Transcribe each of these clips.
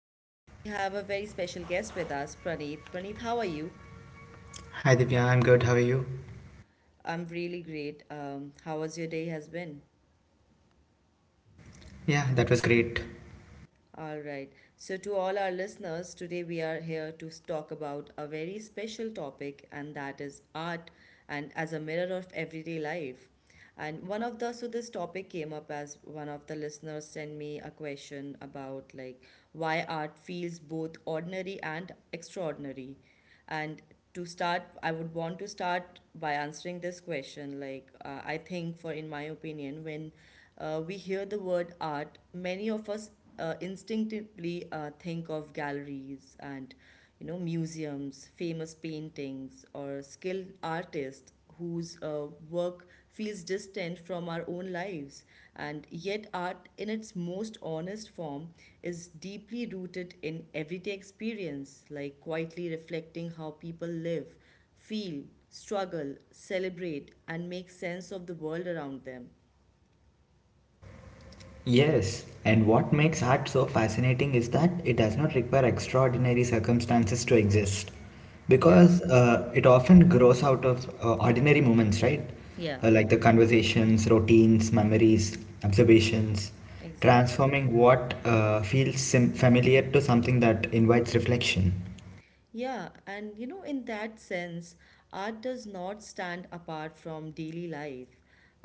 And today we have a very special guest with us, Praneeth. Praneeth, how are you? Hi Divya, I'm good. How are you? I'm really great. How was your day? Has been? Yeah, that was great. All right. So, to all our listeners, today we are here to talk about a very special topic, and that is art and as a mirror of everyday life. And one of the so this topic came up as one of the listeners sent me a question about like why art feels both ordinary and extraordinary. And to start, I would want to start by answering this question. Like, I think, for in my opinion, when we hear the word art, many of us instinctively think of galleries and you know museums, famous paintings, or skilled artists whose work feels distant from our own lives. And yet, art in its most honest form is deeply rooted in everyday experience, like quietly reflecting how people live, feel, struggle, celebrate, and make sense of the world around them. Yes, and what makes art so fascinating is that it does not require extraordinary circumstances to exist. Yeah, Because it often grows out of ordinary moments, right? yeah, Like the conversations, routines, memories, observations, exactly. transforming what feels familiar to something that invites reflection. Yeah, and you know, in that sense, art does not stand apart from daily life.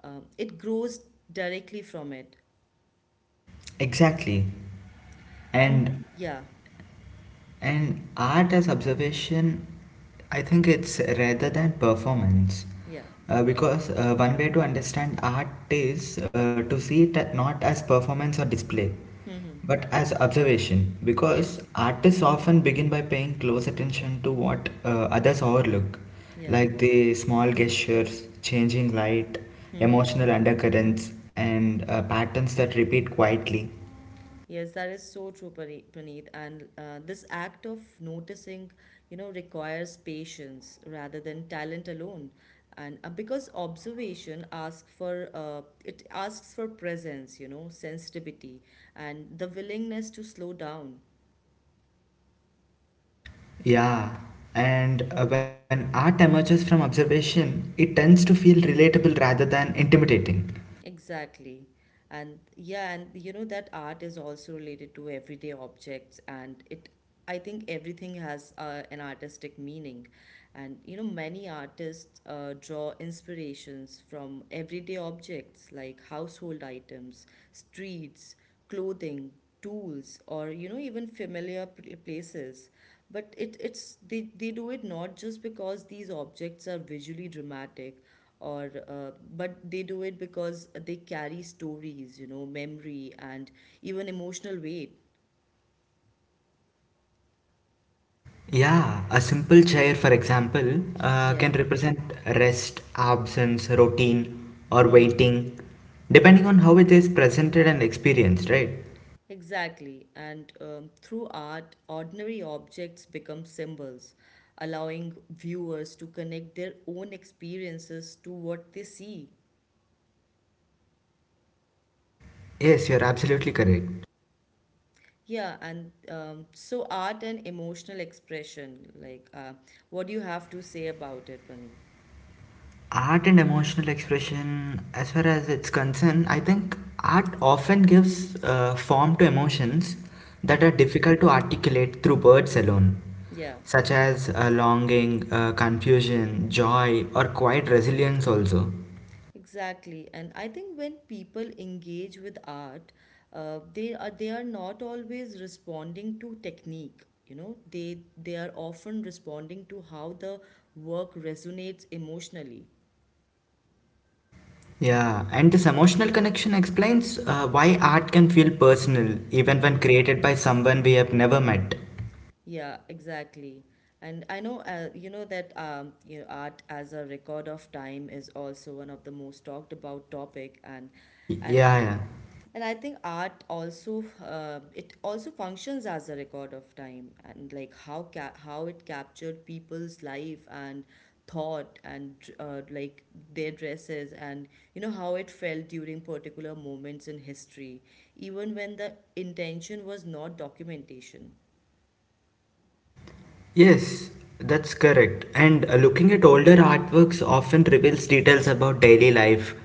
It grows directly from it. Exactly. And And yeah, And art as observation, I think it's rather than performance. yeah. Because one way to understand art is to see it not as performance or display, Hmm. but as observation. Because Yes. artists often begin by paying close attention to what others overlook, Yeah. like the small gestures, changing light, Hmm. emotional undercurrents, and patterns that repeat quietly. Yes, that is so true, Praneeth. And this act of noticing, you know, requires patience rather than talent alone. And because observation asks for presence, you know, sensitivity, and the willingness to slow down. Yeah, and When art emerges from observation, it tends to feel relatable rather than intimidating. Exactly. And yeah, and you know that art is also related to everyday objects, and it I think everything has an artistic meaning. And you know many artists draw inspirations from everyday objects like household items, streets, clothing, tools, or you know even familiar places. But they do it not just because these objects are visually dramatic or but they do it because they carry stories, you know, memory and even emotional weight. Yeah, a simple chair, for example, can Yeah. represent rest, absence, routine, or Hmm. waiting, depending on how it is presented and experienced, right? Exactly. And through art, ordinary objects become symbols, allowing viewers to connect their own experiences to what they see. Yes, you're absolutely correct. Yeah. And so art and emotional expression, like what do you have to say about it, Praneet? Art and emotional expression, as far as it's concerned, I think art often gives form to emotions that are Hmm. difficult to articulate through words alone, Yeah. such as longing, confusion, joy, or quiet resilience also. Exactly, and I think when people engage with art, uh, they are not always responding to technique. You know, they are often responding to how the work resonates emotionally. Yeah and this emotional connection explains why art can feel personal even when Hmm. created by someone we have never met. Yeah, exactly. And I know, you know that you know, art as a record of time is also one of the most talked about topic, Y- and yeah e- yeah and I think art also it also functions as a record of time, and like how it captured people's life and thought and like their dresses and you know how it felt during particular moments in history, even when the intention was not documentation. Yes, that's correct. And looking at older artworks often reveals details about daily life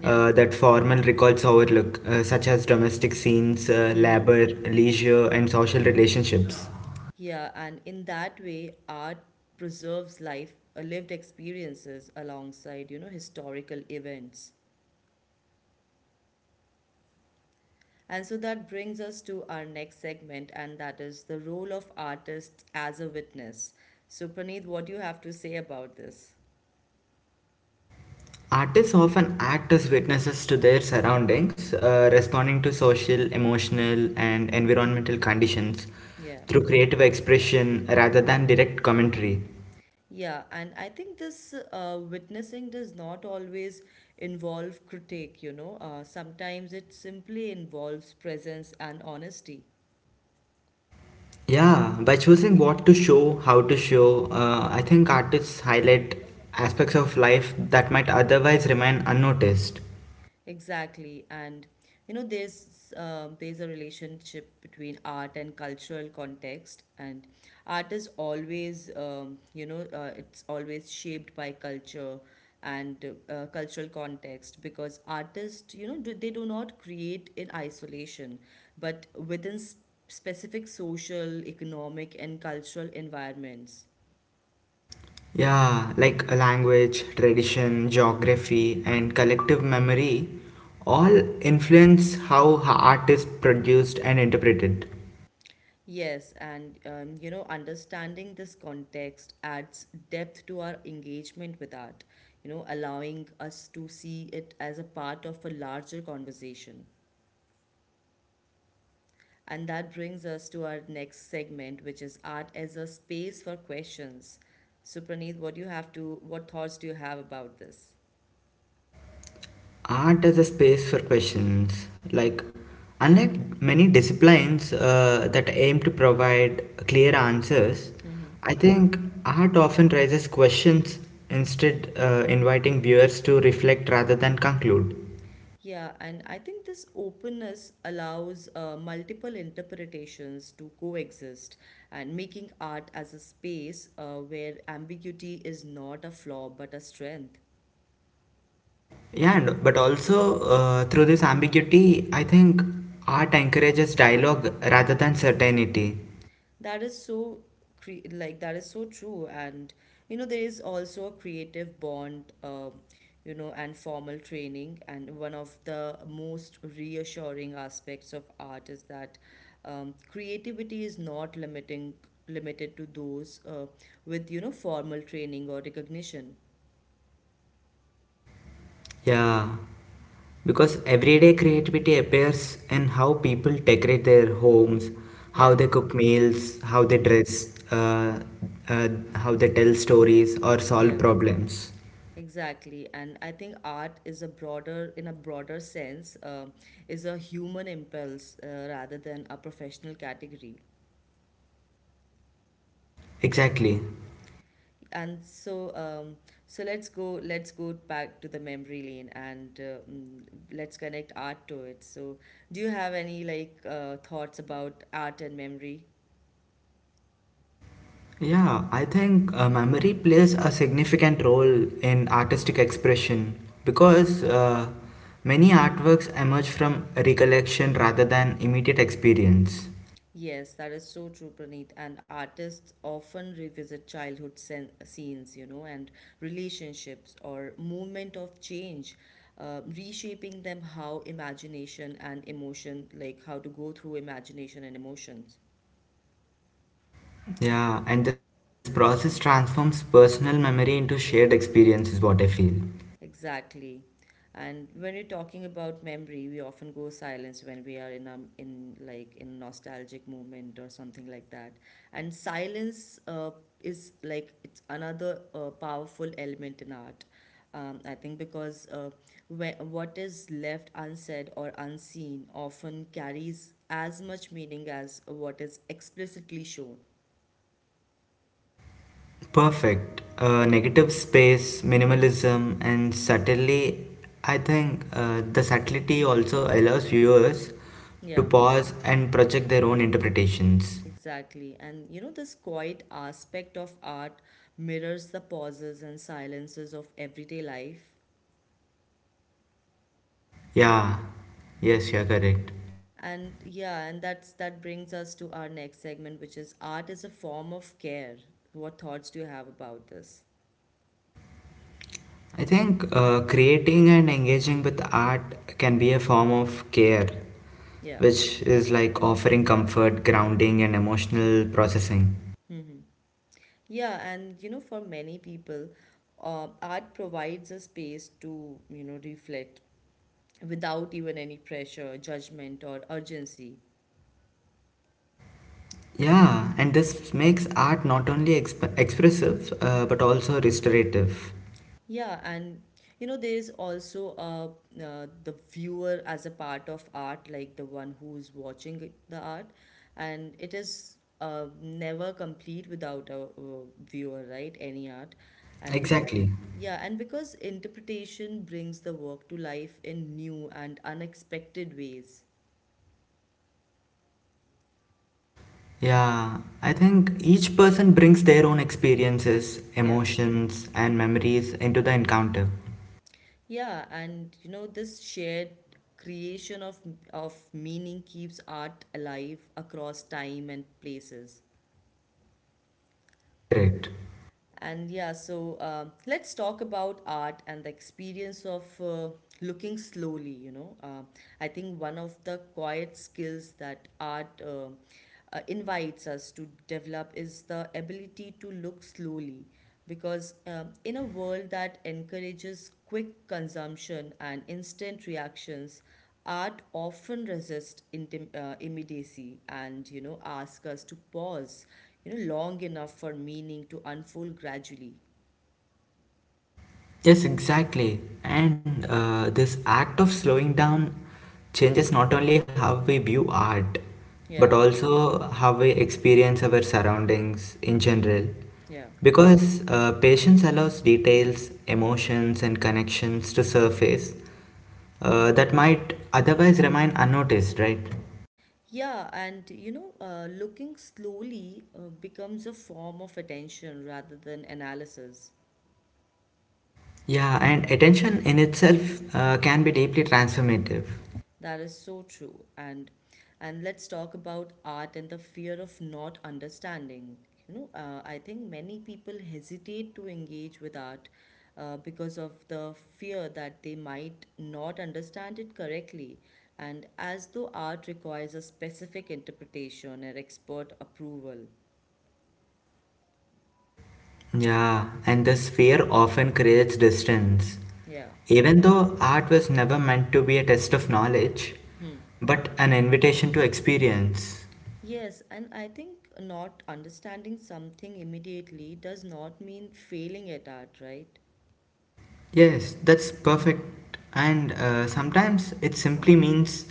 Yeah. That formal records overlook, such as domestic scenes, Mm-hmm. labor, leisure, and social relationships. Yeah, and in that way, art preserves life, lived experiences alongside, you know, historical events. And so that brings us to our next segment, and that is the role of artists as a witness. So, Praneeth, what do you have to say about this? Artists often act as witnesses to their surroundings, responding to social, emotional, and environmental conditions Yeah. through creative expression rather than direct commentary. Yeah, and I think this witnessing does not always involve critique, you know. Sometimes it simply involves presence and honesty. Yeah, by choosing what to show, how to show, I think artists highlight aspects of life that might otherwise remain unnoticed. Exactly, and you know there's a relationship between art and cultural context, and art is always you know it's always shaped by culture and cultural context, because artists you know they do not create in isolation, but within specific social, economic, and cultural environments. Yeah, like language, tradition, geography, and collective memory all influence how art is produced and interpreted. Yes, and you know, understanding this context adds depth to our engagement with art, you know, allowing us to see it as a part of a larger conversation. And that brings us to our next segment, which is art as a space for questions. So, Praneeth, what thoughts do you have about this? Art as a space for questions. Like, unlike many disciplines that aim to provide clear answers, Mm-hmm. I think art often raises questions instead, inviting viewers to reflect rather than conclude. Yeah, and I think this openness allows multiple interpretations to coexist, and making art as a space where ambiguity is not a flaw but a strength. Yeah, and, but also through this ambiguity, I think art encourages dialogue rather than certainty. That is so that is so true, and you know there is also a creative bond you know and formal training, and one of the most reassuring aspects of art is that creativity is not limiting limited to those with you know formal training or recognition. Yeah, because everyday creativity appears in how people decorate their homes, how Yeah. they cook meals, how they Hmm. dress, uh, how they tell stories or solve Yeah. problems. Exactly, and I think art in a broader sense, is a human impulse rather than a professional category. Exactly. And so, let's go back to the memory lane and mm, let's connect art to it. So, do you have any like thoughts about art and memory? Yeah, I think memory plays a significant role in artistic expression because many artworks emerge from recollection rather than immediate experience. Yes, that is so true, Praneeth. And artists often revisit childhood scenes, you know, and relationships or movement of change, reshaping them how imagination and emotion, like how to go through imagination and emotions. Yeah, and this process transforms personal memory into shared experience, is what I feel. Exactly. And when we're talking about memory, we often go silence when we are in a in like in nostalgic moment or something like that. And silence is like it's another powerful element in art. I think because what is left unsaid or unseen often carries as much meaning as what is explicitly shown. Perfect. Negative space, minimalism, and subtlety. I think the subtlety also allows viewers to Yeah. pause and project their own interpretations. Exactly. And you know, this quiet aspect of art mirrors the pauses and silences of everyday life. Yeah, yes, you're correct. And yeah, and that's that brings us to our next segment, which is art is a form of care. What thoughts do you have about this? I think creating and engaging with art can be a form of care, Yeah. which is like offering comfort, grounding, and emotional processing. Mm-hmm. Yeah, and you know, for many people, art provides a space to, you know, reflect without even any pressure, judgment, or urgency. Yeah, and this makes art not only expressive but also restorative. Yeah, and you know, there is also the viewer as a part of art, like the one who's watching the art, and it is never complete without a, viewer, right? Any art, and because Exactly. yeah, and because interpretation brings the work to life in new and unexpected ways. Yeah, I think each person brings their own experiences, Yeah. emotions, and memories into the encounter. Yeah, and you know, this shared creation of meaning keeps art alive across time and places. Correct. And yeah, so let's talk about art and the experience of looking slowly. You know, I think one of the quiet skills that art invites us to develop is the ability to look slowly, because Yeah. In a world that encourages quick consumption and instant reactions, art often resists immediacy, and you know ask us to pause, you know, long enough for meaning to unfold gradually. Yes, exactly. And this act of slowing down changes not only how we view art, but Yeah. also how we experience our surroundings in general. Yeah. Because patience allows details, emotions, and connections to surface that might otherwise remain unnoticed, right? Yeah, and you know looking slowly becomes a form of attention rather than analysis. Yeah, and attention in itself can be deeply transformative. That is so true. And let's talk about art and the fear of not understanding. You know, I think many people hesitate to engage with art because of the fear that they might not understand it correctly, and as though art requires a specific interpretation or expert approval. Yeah, and this fear often creates distance. Yeah. Even though art was never meant to be a test of knowledge, Hmm. but an invitation to experience. Yes, and I think not understanding something immediately does not mean failing at art, right? Yes, that's perfect. And sometimes it simply means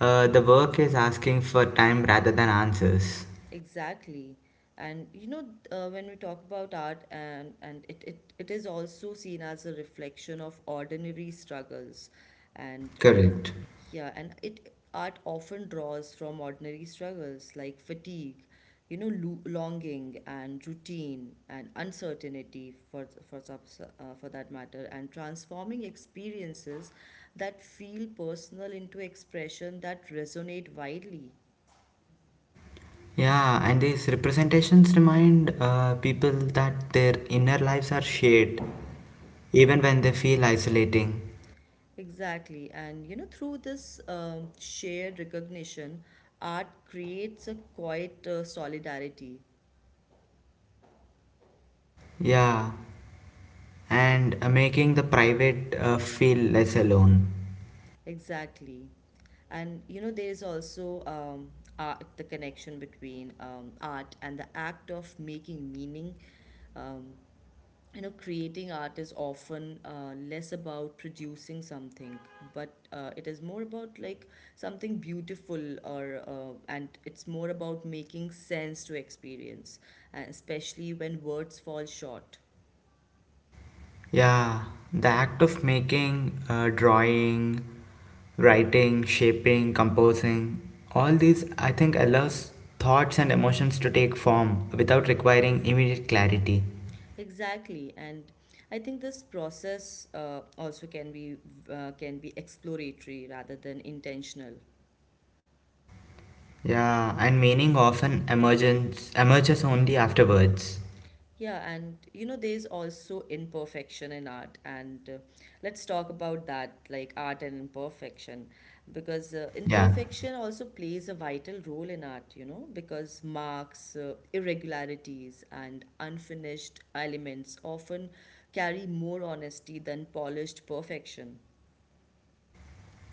the work is asking for time rather than answers. Exactly. And you know, when we talk about art, it is also seen as a reflection of ordinary struggles. And mm Correct. yeah, and it art often draws from ordinary struggles like fatigue, you know, lo longing and routine and uncertainty for that matter, and transforming experiences that feel personal into expression that resonate widely. Yeah, and these representations remind people that their inner lives are shared, even when they feel isolating. Exactly. And you know, through this shared recognition, art creates a quiet solidarity. Yeah. And making the private feel less alone. Exactly. And you know, there is also art, the connection between art and the act of making meaning um, you know creating art is often less about producing something, but it is more about like something beautiful or and it's more about making sense to experience, especially when words fall short. Yeah, the act of making, drawing, writing, shaping, composing, all these I think allows thoughts and emotions to take form without requiring immediate clarity. Exactly, and I think this process also can be exploratory rather than intentional. Yeah, and meaning often emerges only afterwards. Yeah, and you know, there's also imperfection in art, and let's talk about that, like art and imperfection, because Yeah. imperfection also plays a vital role in art, you know, because marks, irregularities, and unfinished elements often carry more honesty than polished perfection.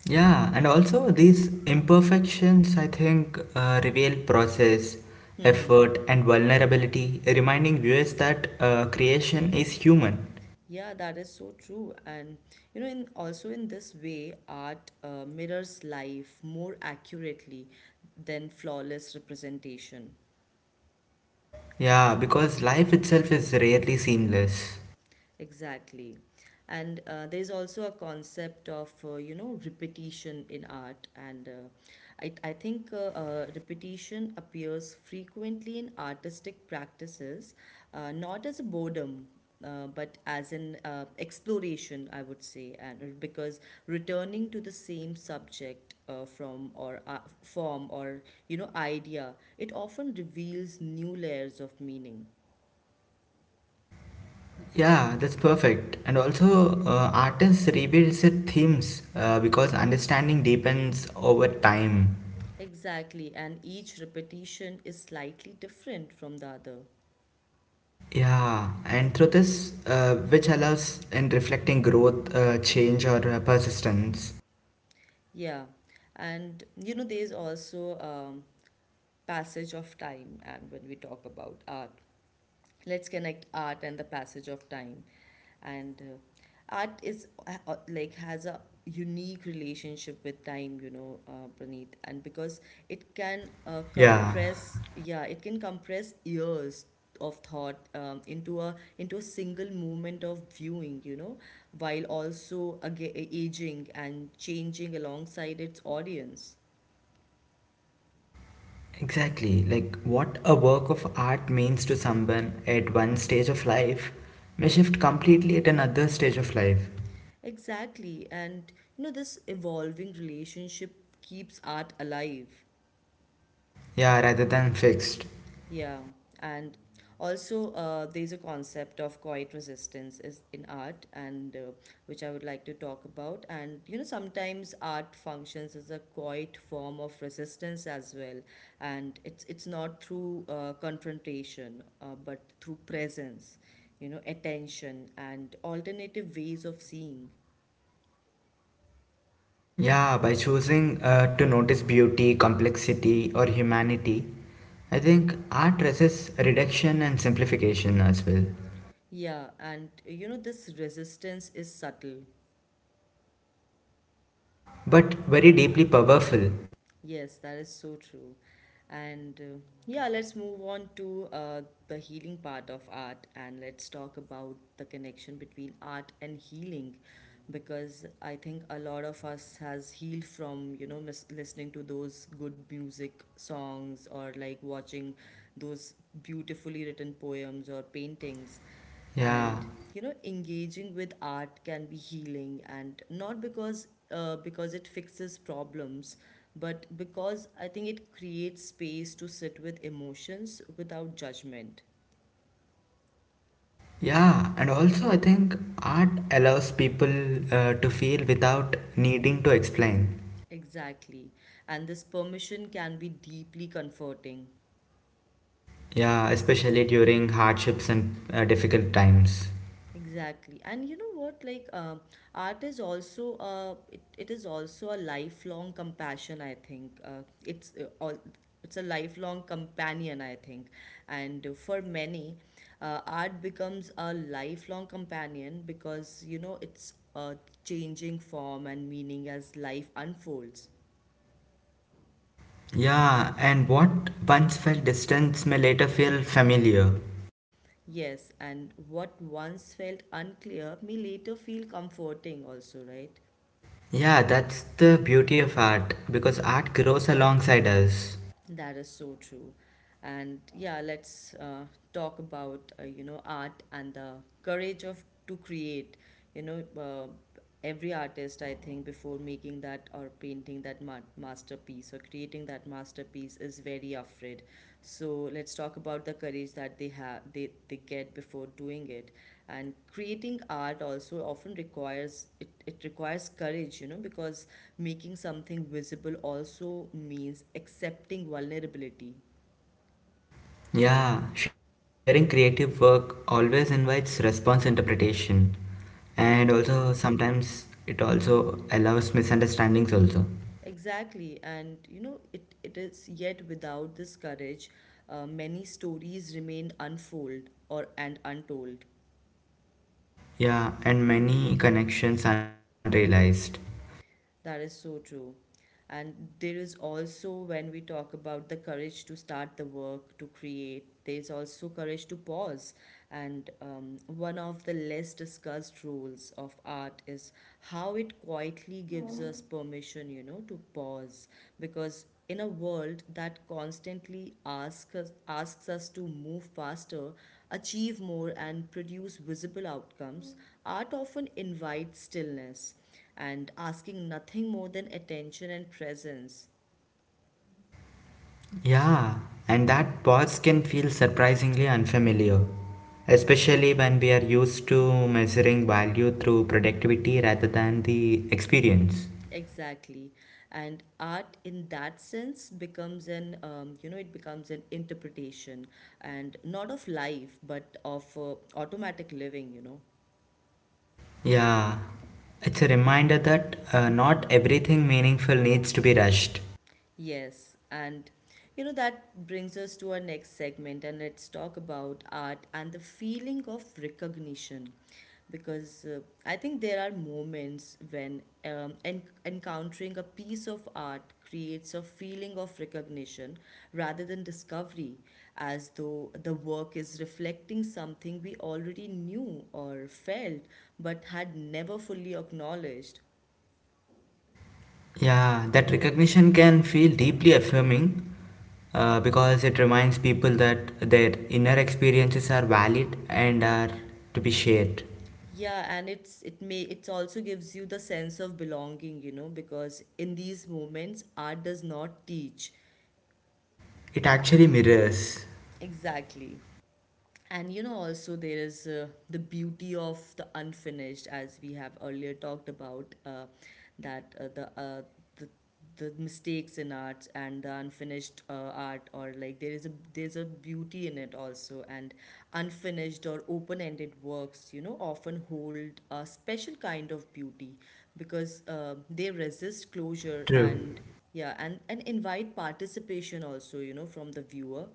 Yeah, and also these imperfections, I think, reveal process, effort, and vulnerability, reminding viewers that creation is human. Yeah, that is so true. And you know, in also in this way, art mirrors life more accurately than flawless representation. Yeah, because life itself is rarely seamless. Exactly. And there's also a concept of, you know, repetition in art. And I think repetition appears frequently in artistic practices, not as a boredom, but as an exploration, I would say, and because returning to the same subject from or form or you know idea, it often reveals new layers of meaning. Yeah, that's perfect. And also, artists revisit themes because understanding deepens over time. Exactly, and each repetition is slightly different from the other. Yeah, and through this, which allows in reflecting growth, change, or persistence. Yeah, and you know, there's also passage of time, and when we talk about art, let's connect art and the passage of time. And art is like has a unique relationship with time, Praneet, and because it can Yeah. compress, yeah, it can compress years of thought, into a single moment of viewing, you know, while also aga aging and changing alongside its audience. Exactly, like what a work of art means to someone at one stage of life may shift completely at another stage of life. Exactly. And you know, this evolving relationship keeps art alive. Yeah, rather than fixed. Yeah, and also there's a concept of quiet resistance is in art, and which I would like to talk about. And you know, sometimes art functions as a quiet form of resistance as well, and it's not through confrontation, but through presence, you know, attention and alternative ways of seeing. Yeah, by choosing to notice beauty, complexity, or humanity, I think art resists reduction and simplification as well, Yeah, and you know, this resistance is subtle. but very deeply powerful. Yes, that is so true. And yeah, let's move on to the healing part of art, and let's talk about the connection between art and healing, because I think a lot of us has healed from, you know, listening to those good music songs, or like watching those beautifully written poems or paintings. Yeah, And you know, engaging with art can be healing, and not because it fixes problems, but because I think it creates space to sit with emotions without judgment. yeah, and also I think art allows people to feel without needing to explain. Exactly, and this permission can be deeply comforting. Yeah, especially during hardships and difficult times. Exactly. And you know what? Art is also it is also a lifelong compassion, I think. It's a lifelong companion, I think. And for many, art becomes a lifelong companion because, you know, it's a changing form and meaning as life unfolds. Yeah, and what once felt distance may later feel familiar. Yes, and what once felt unclear may later feel comforting also, right? Yeah, that's the beauty of art, because art grows alongside us. That is so true. And yeah, let's talk about, you know, art and the courage of to create. You know, every artist, I think, before making that or painting that masterpiece, or creating that masterpiece, is very afraid. So let's talk about the courage that they get before doing it. And creating art also often requires it, requires courage, you know, because making something visible also means accepting vulnerability. Yeah, sharing creative work always invites response interpretation Yeah, and also sometimes it also allows misunderstandings also. exactly. And you know, it is yet, without this courage, many stories remain unfold or and untold. Yeah, and many connections unrealized. That is so true. And there is also, when we talk about the courage to start the work, to create, there's also courage to pause. And one of the less discussed roles of art is how it quietly gives us permission, you know, to pause, because in a world that constantly asks us to move faster, achieve more, and produce visible outcomes, art often invites stillness and asking nothing more than attention and presence. Yeah, and that pause can feel surprisingly unfamiliar, especially when we are used to measuring value through productivity rather than the experience. Exactly, and art in that sense becomes an you know, it becomes an interpretation, and not of life but of automatic living. You know. Yeah, it's a reminder that not everything meaningful needs to be rushed. Yes, and you know, that brings us to our next segment, and let's talk about art and the feeling of recognition. Because I think there are moments when, encountering a piece of art creates a feeling of recognition rather than discovery, as though the work is reflecting something we already knew or felt but had never fully acknowledged. Yeah, that recognition can feel deeply affirming because it reminds people that their inner experiences are valid and are to be shared. Yeah, and it's it may it also gives you the sense of belonging, you know, because in these moments art does not teach. It actually mirrors. Exactly. And you know, also there is the beauty of the unfinished, as we have earlier talked about, that the the mistakes in art and the unfinished art, or like there is a beauty in it also. And unfinished or open-ended works, you know, often hold a special kind of beauty because they resist closure, True. and yeah, and invite participation also, you know, from the viewer.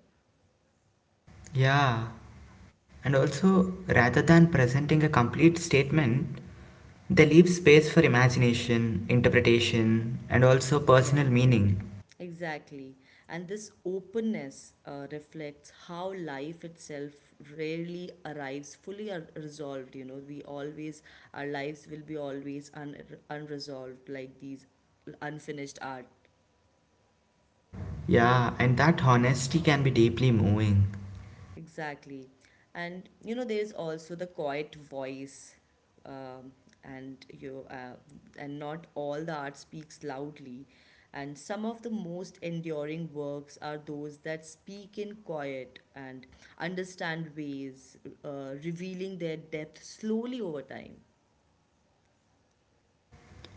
Yeah, and also rather than presenting a complete statement, they leave space for imagination, interpretation, and also Yeah. personal meaning. Exactly. And this openness reflects how life itself rarely arrives resolved. You know, we always, our lives will be always unresolved, like these unfinished art. Yeah, and that honesty can be deeply moving. Exactly. And you know, there's also the quiet voice, um, and you uh, and not all the art speaks loudly. And some of the most enduring works are those that speak in quiet and understand ways, revealing their depth slowly over time.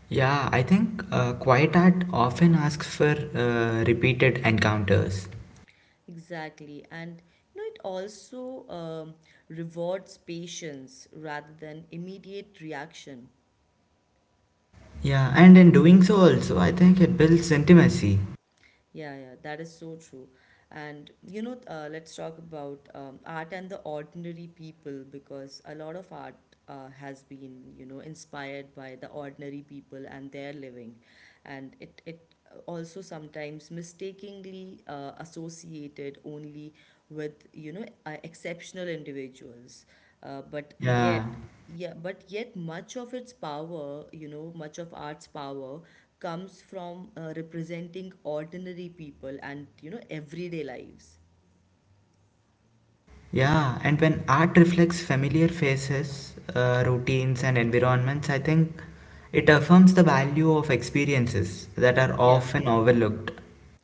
Yeah, I think quiet art often asks for repeated encounters. Exactly. And you know, it also, rewards patience rather than immediate reaction. Yeah, and in doing so, also, I think it builds intimacy. Yeah, yeah, that is so true. And you know, let's talk about, art and the ordinary people, because a lot of art has been, you know, inspired by the ordinary people and their living, and it also sometimes mistakenly associated only with, you know, exceptional individuals, but Yeah. yet, yeah, but yet much of its power, you know, much of art's power comes from representing ordinary people and, you know, everyday lives. Yeah, and when art reflects familiar faces, routines, and environments, I think it affirms the value of experiences that are Yeah. often overlooked.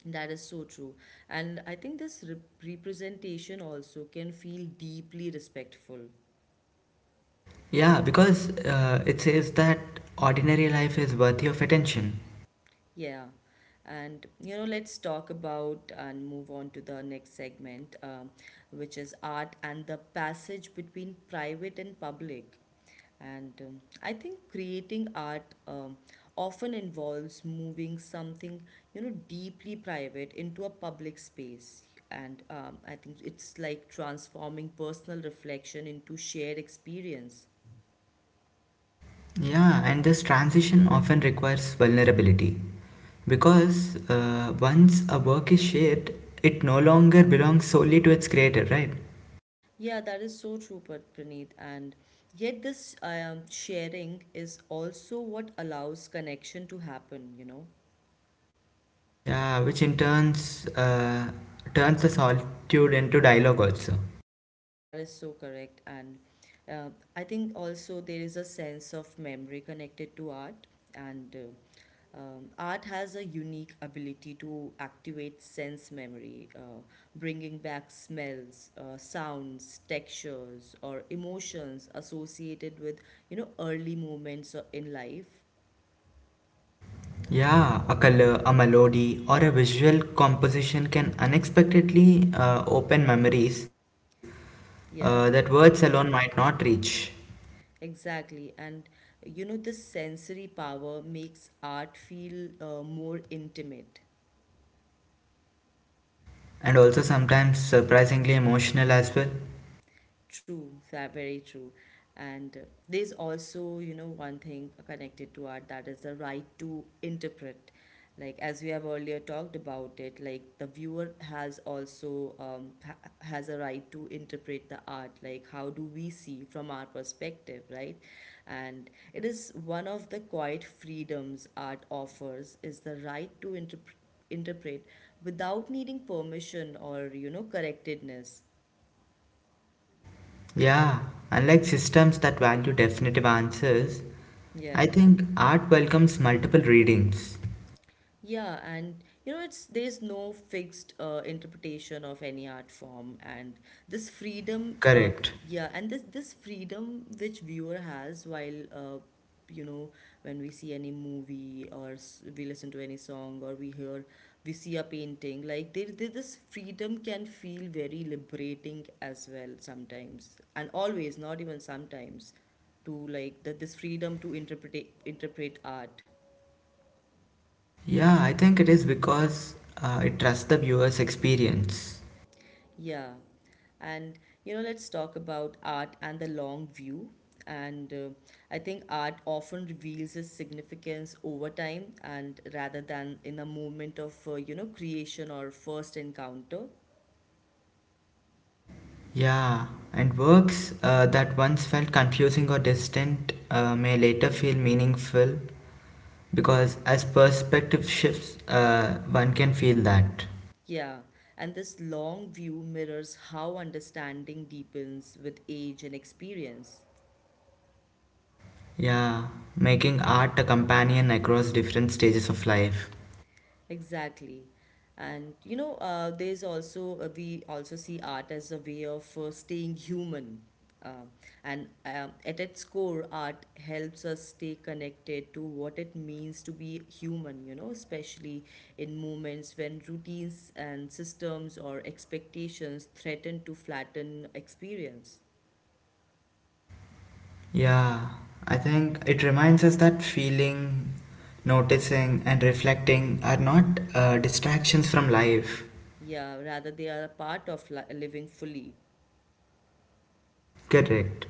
That is so true. And I think this representation also can feel deeply respectful. Yeah, because it says that ordinary life is worthy of attention. Yeah. And, you know, let's talk about and move on to the next segment, which is art and the passage between private and public. And I think creating art, often involves moving something, you know, deeply private into a public space. And I think it's like transforming personal reflection into shared experience. Yeah, and this transition often requires vulnerability because once a work is shared, it no longer belongs solely to its creator, right? Yeah, that is so true, Praneeth. And yet, this sharing is also what allows connection to happen, you know. Yeah, which in turns turns the solitude into dialogue also. That is so correct. And uh, I think also there is a sense of memory connected to art. And art has a unique ability to activate sense memory, bringing back smells, sounds, textures, or emotions associated with, you know, early moments in life. Yeah, a color, a melody, or a visual composition can unexpectedly open memories that Yeah. words alone might not reach, Exactly. And you know, this sensory power makes art feel more intimate. and also sometimes surprisingly emotional as well. True, that very true. And there's also, you know, one thing connected to art, that is the right to interpret. Like, as we have earlier talked about it, like the viewer has also, has a right to interpret the art. Like, how do we see from our perspective, right? And it is one of the quiet freedoms art offers is the right to interpret without needing permission or, you know, correctedness. Yeah, unlike systems that value definitive answers, Yeah. I think art welcomes multiple readings. Yeah, and you know, it's there's no fixed interpretation of any art form, and this freedom, uh, Correct. yeah, and this freedom which viewer has while, you know, when we see any movie, we listen to any song, or we hear, we see a painting, like this freedom can feel very liberating as well, sometimes, and always, not even sometimes, to like that, this freedom to interpret art. Yeah, I think it is because it trusts the viewer's experience. Yeah. And, you know, let's talk about art and the long view. And I think art often reveals its significance over time, and rather than in a moment of, you know, creation or first encounter. Yeah, and works that once felt confusing or distant may later feel meaningful because as perspective shifts, one can feel that. Yeah. And this long view mirrors how understanding deepens with age and experience. Yeah, making art a companion across different stages of life. Exactly. And you know, there's also we also see art as a way of staying human. Uh, and at its core, art helps us stay connected to what it means to be human, you know, especially in moments when routines and systems or expectations threaten to flatten experience. Yeah, I think it reminds us that feeling, noticing, and reflecting are not distractions from life. Yeah, rather, they are a part of living fully. Correct.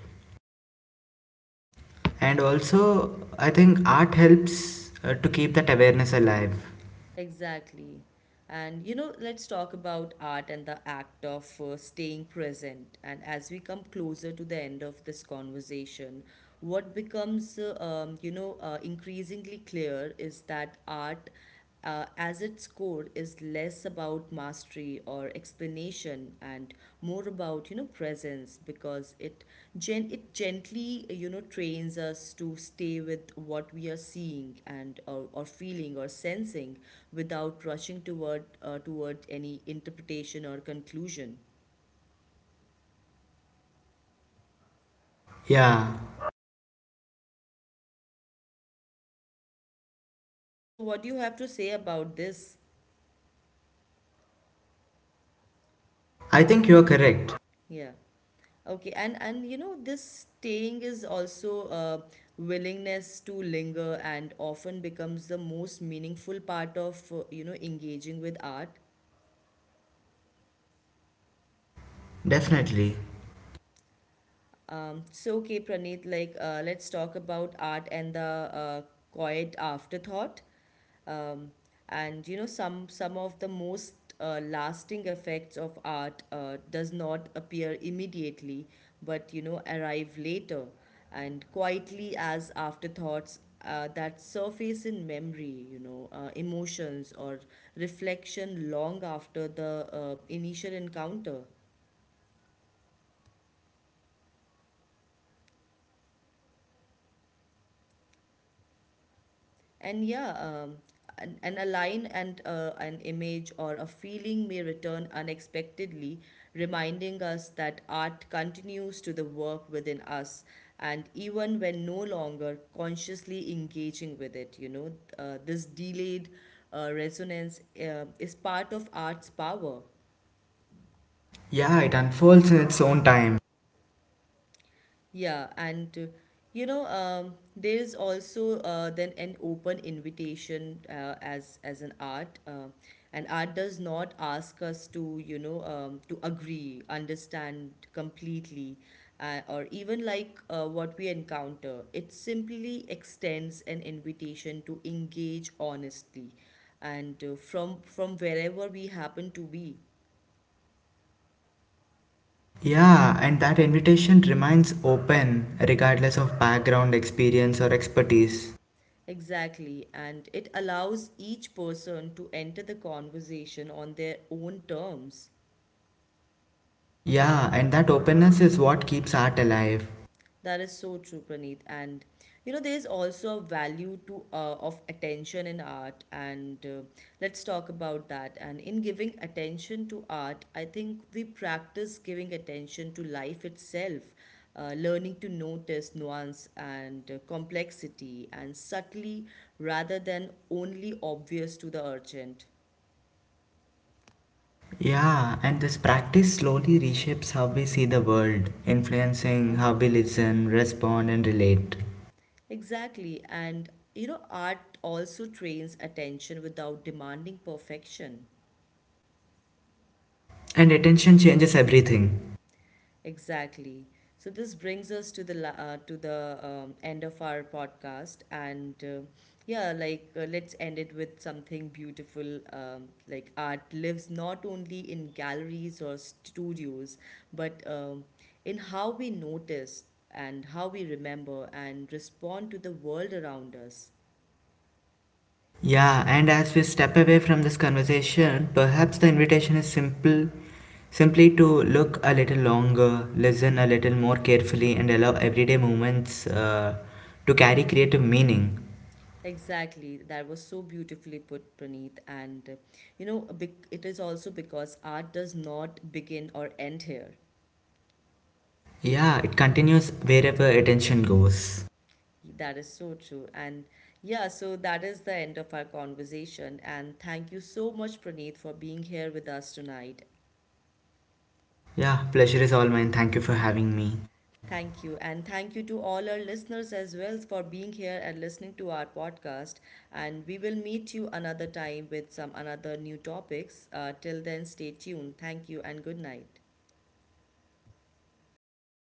And also, I think art helps to keep that awareness alive. Exactly. And you know, let's talk about art and the act of staying present. And as we come closer to the end of this conversation, what becomes, you know, increasingly clear is that art, as its core, is less about mastery or explanation, and more about, you know, presence, because it gently, you know, trains us to stay with what we are seeing, or feeling or sensing, without rushing toward any interpretation or conclusion. Yeah, Yeah, so what do you have to say about this? I think you're correct. Yeah. Okay, and you know, this staying is also a willingness to linger, and often becomes the most meaningful part of, you know, engaging with art. Definitely. So, okay, Praneeth, like, let's talk about art and the quiet afterthought. Um, and you know, some of the most lasting effects of art does not appear immediately, but, you know, arrive later and quietly as afterthoughts that surface in memory, you know, emotions or reflection long after the initial encounter. And yeah, um, and a line, and an image or a feeling may return unexpectedly, reminding us that art continues to the work within us. And even when no longer consciously engaging with it, you know, this delayed resonance is part of art's power. Yeah, it unfolds in its own time. Yeah, and you know, there is also, then an open invitation, as an art, and art does not ask us to, you know, to agree, understand completely, or even like what we encounter. It simply extends an invitation to engage honestly, and from wherever we happen to be. Yeah, and that invitation remains open regardless of background, experience, or expertise. Exactly, and it allows each person to enter the conversation on their own terms. Yeah, and that openness is what keeps art alive. That is so true, Praneeth. And you know, there's also a value to, of attention in art, and, let's talk about that. And in giving attention to art, I think we practice giving attention to life itself, learning to notice nuance and, complexity, and subtly rather than only obvious to the urgent. Yeah, and this practice slowly reshapes how we see the world, influencing how we listen, respond, and relate. Exactly. And you know, art also trains attention without demanding perfection. And attention changes everything. Exactly. So this brings us to the to the, end of our podcast, and yeah, like, let's end it with something beautiful. Like art lives not only in galleries or studios, but, in how we notice and how we remember and respond to the world around us. Yeah, and as we step away from this conversation, perhaps the invitation is simple, simply to look a little longer, listen a little more carefully, and allow everyday moments to carry creative meaning. Exactly. That was so beautifully put, Praneeth. And you know, a big, it is also because art does not begin or end here. Yeah, it continues wherever attention goes. That is so true. And yeah, so that is the end of our conversation. And thank you so much, Praneeth, for being here with us tonight. Yeah, pleasure is all mine. Thank you for having me. Thank you. And thank you to all our listeners as well for being here and listening to our podcast. And we will meet you another time with some another new topics. Till then, stay tuned. Thank you and good night.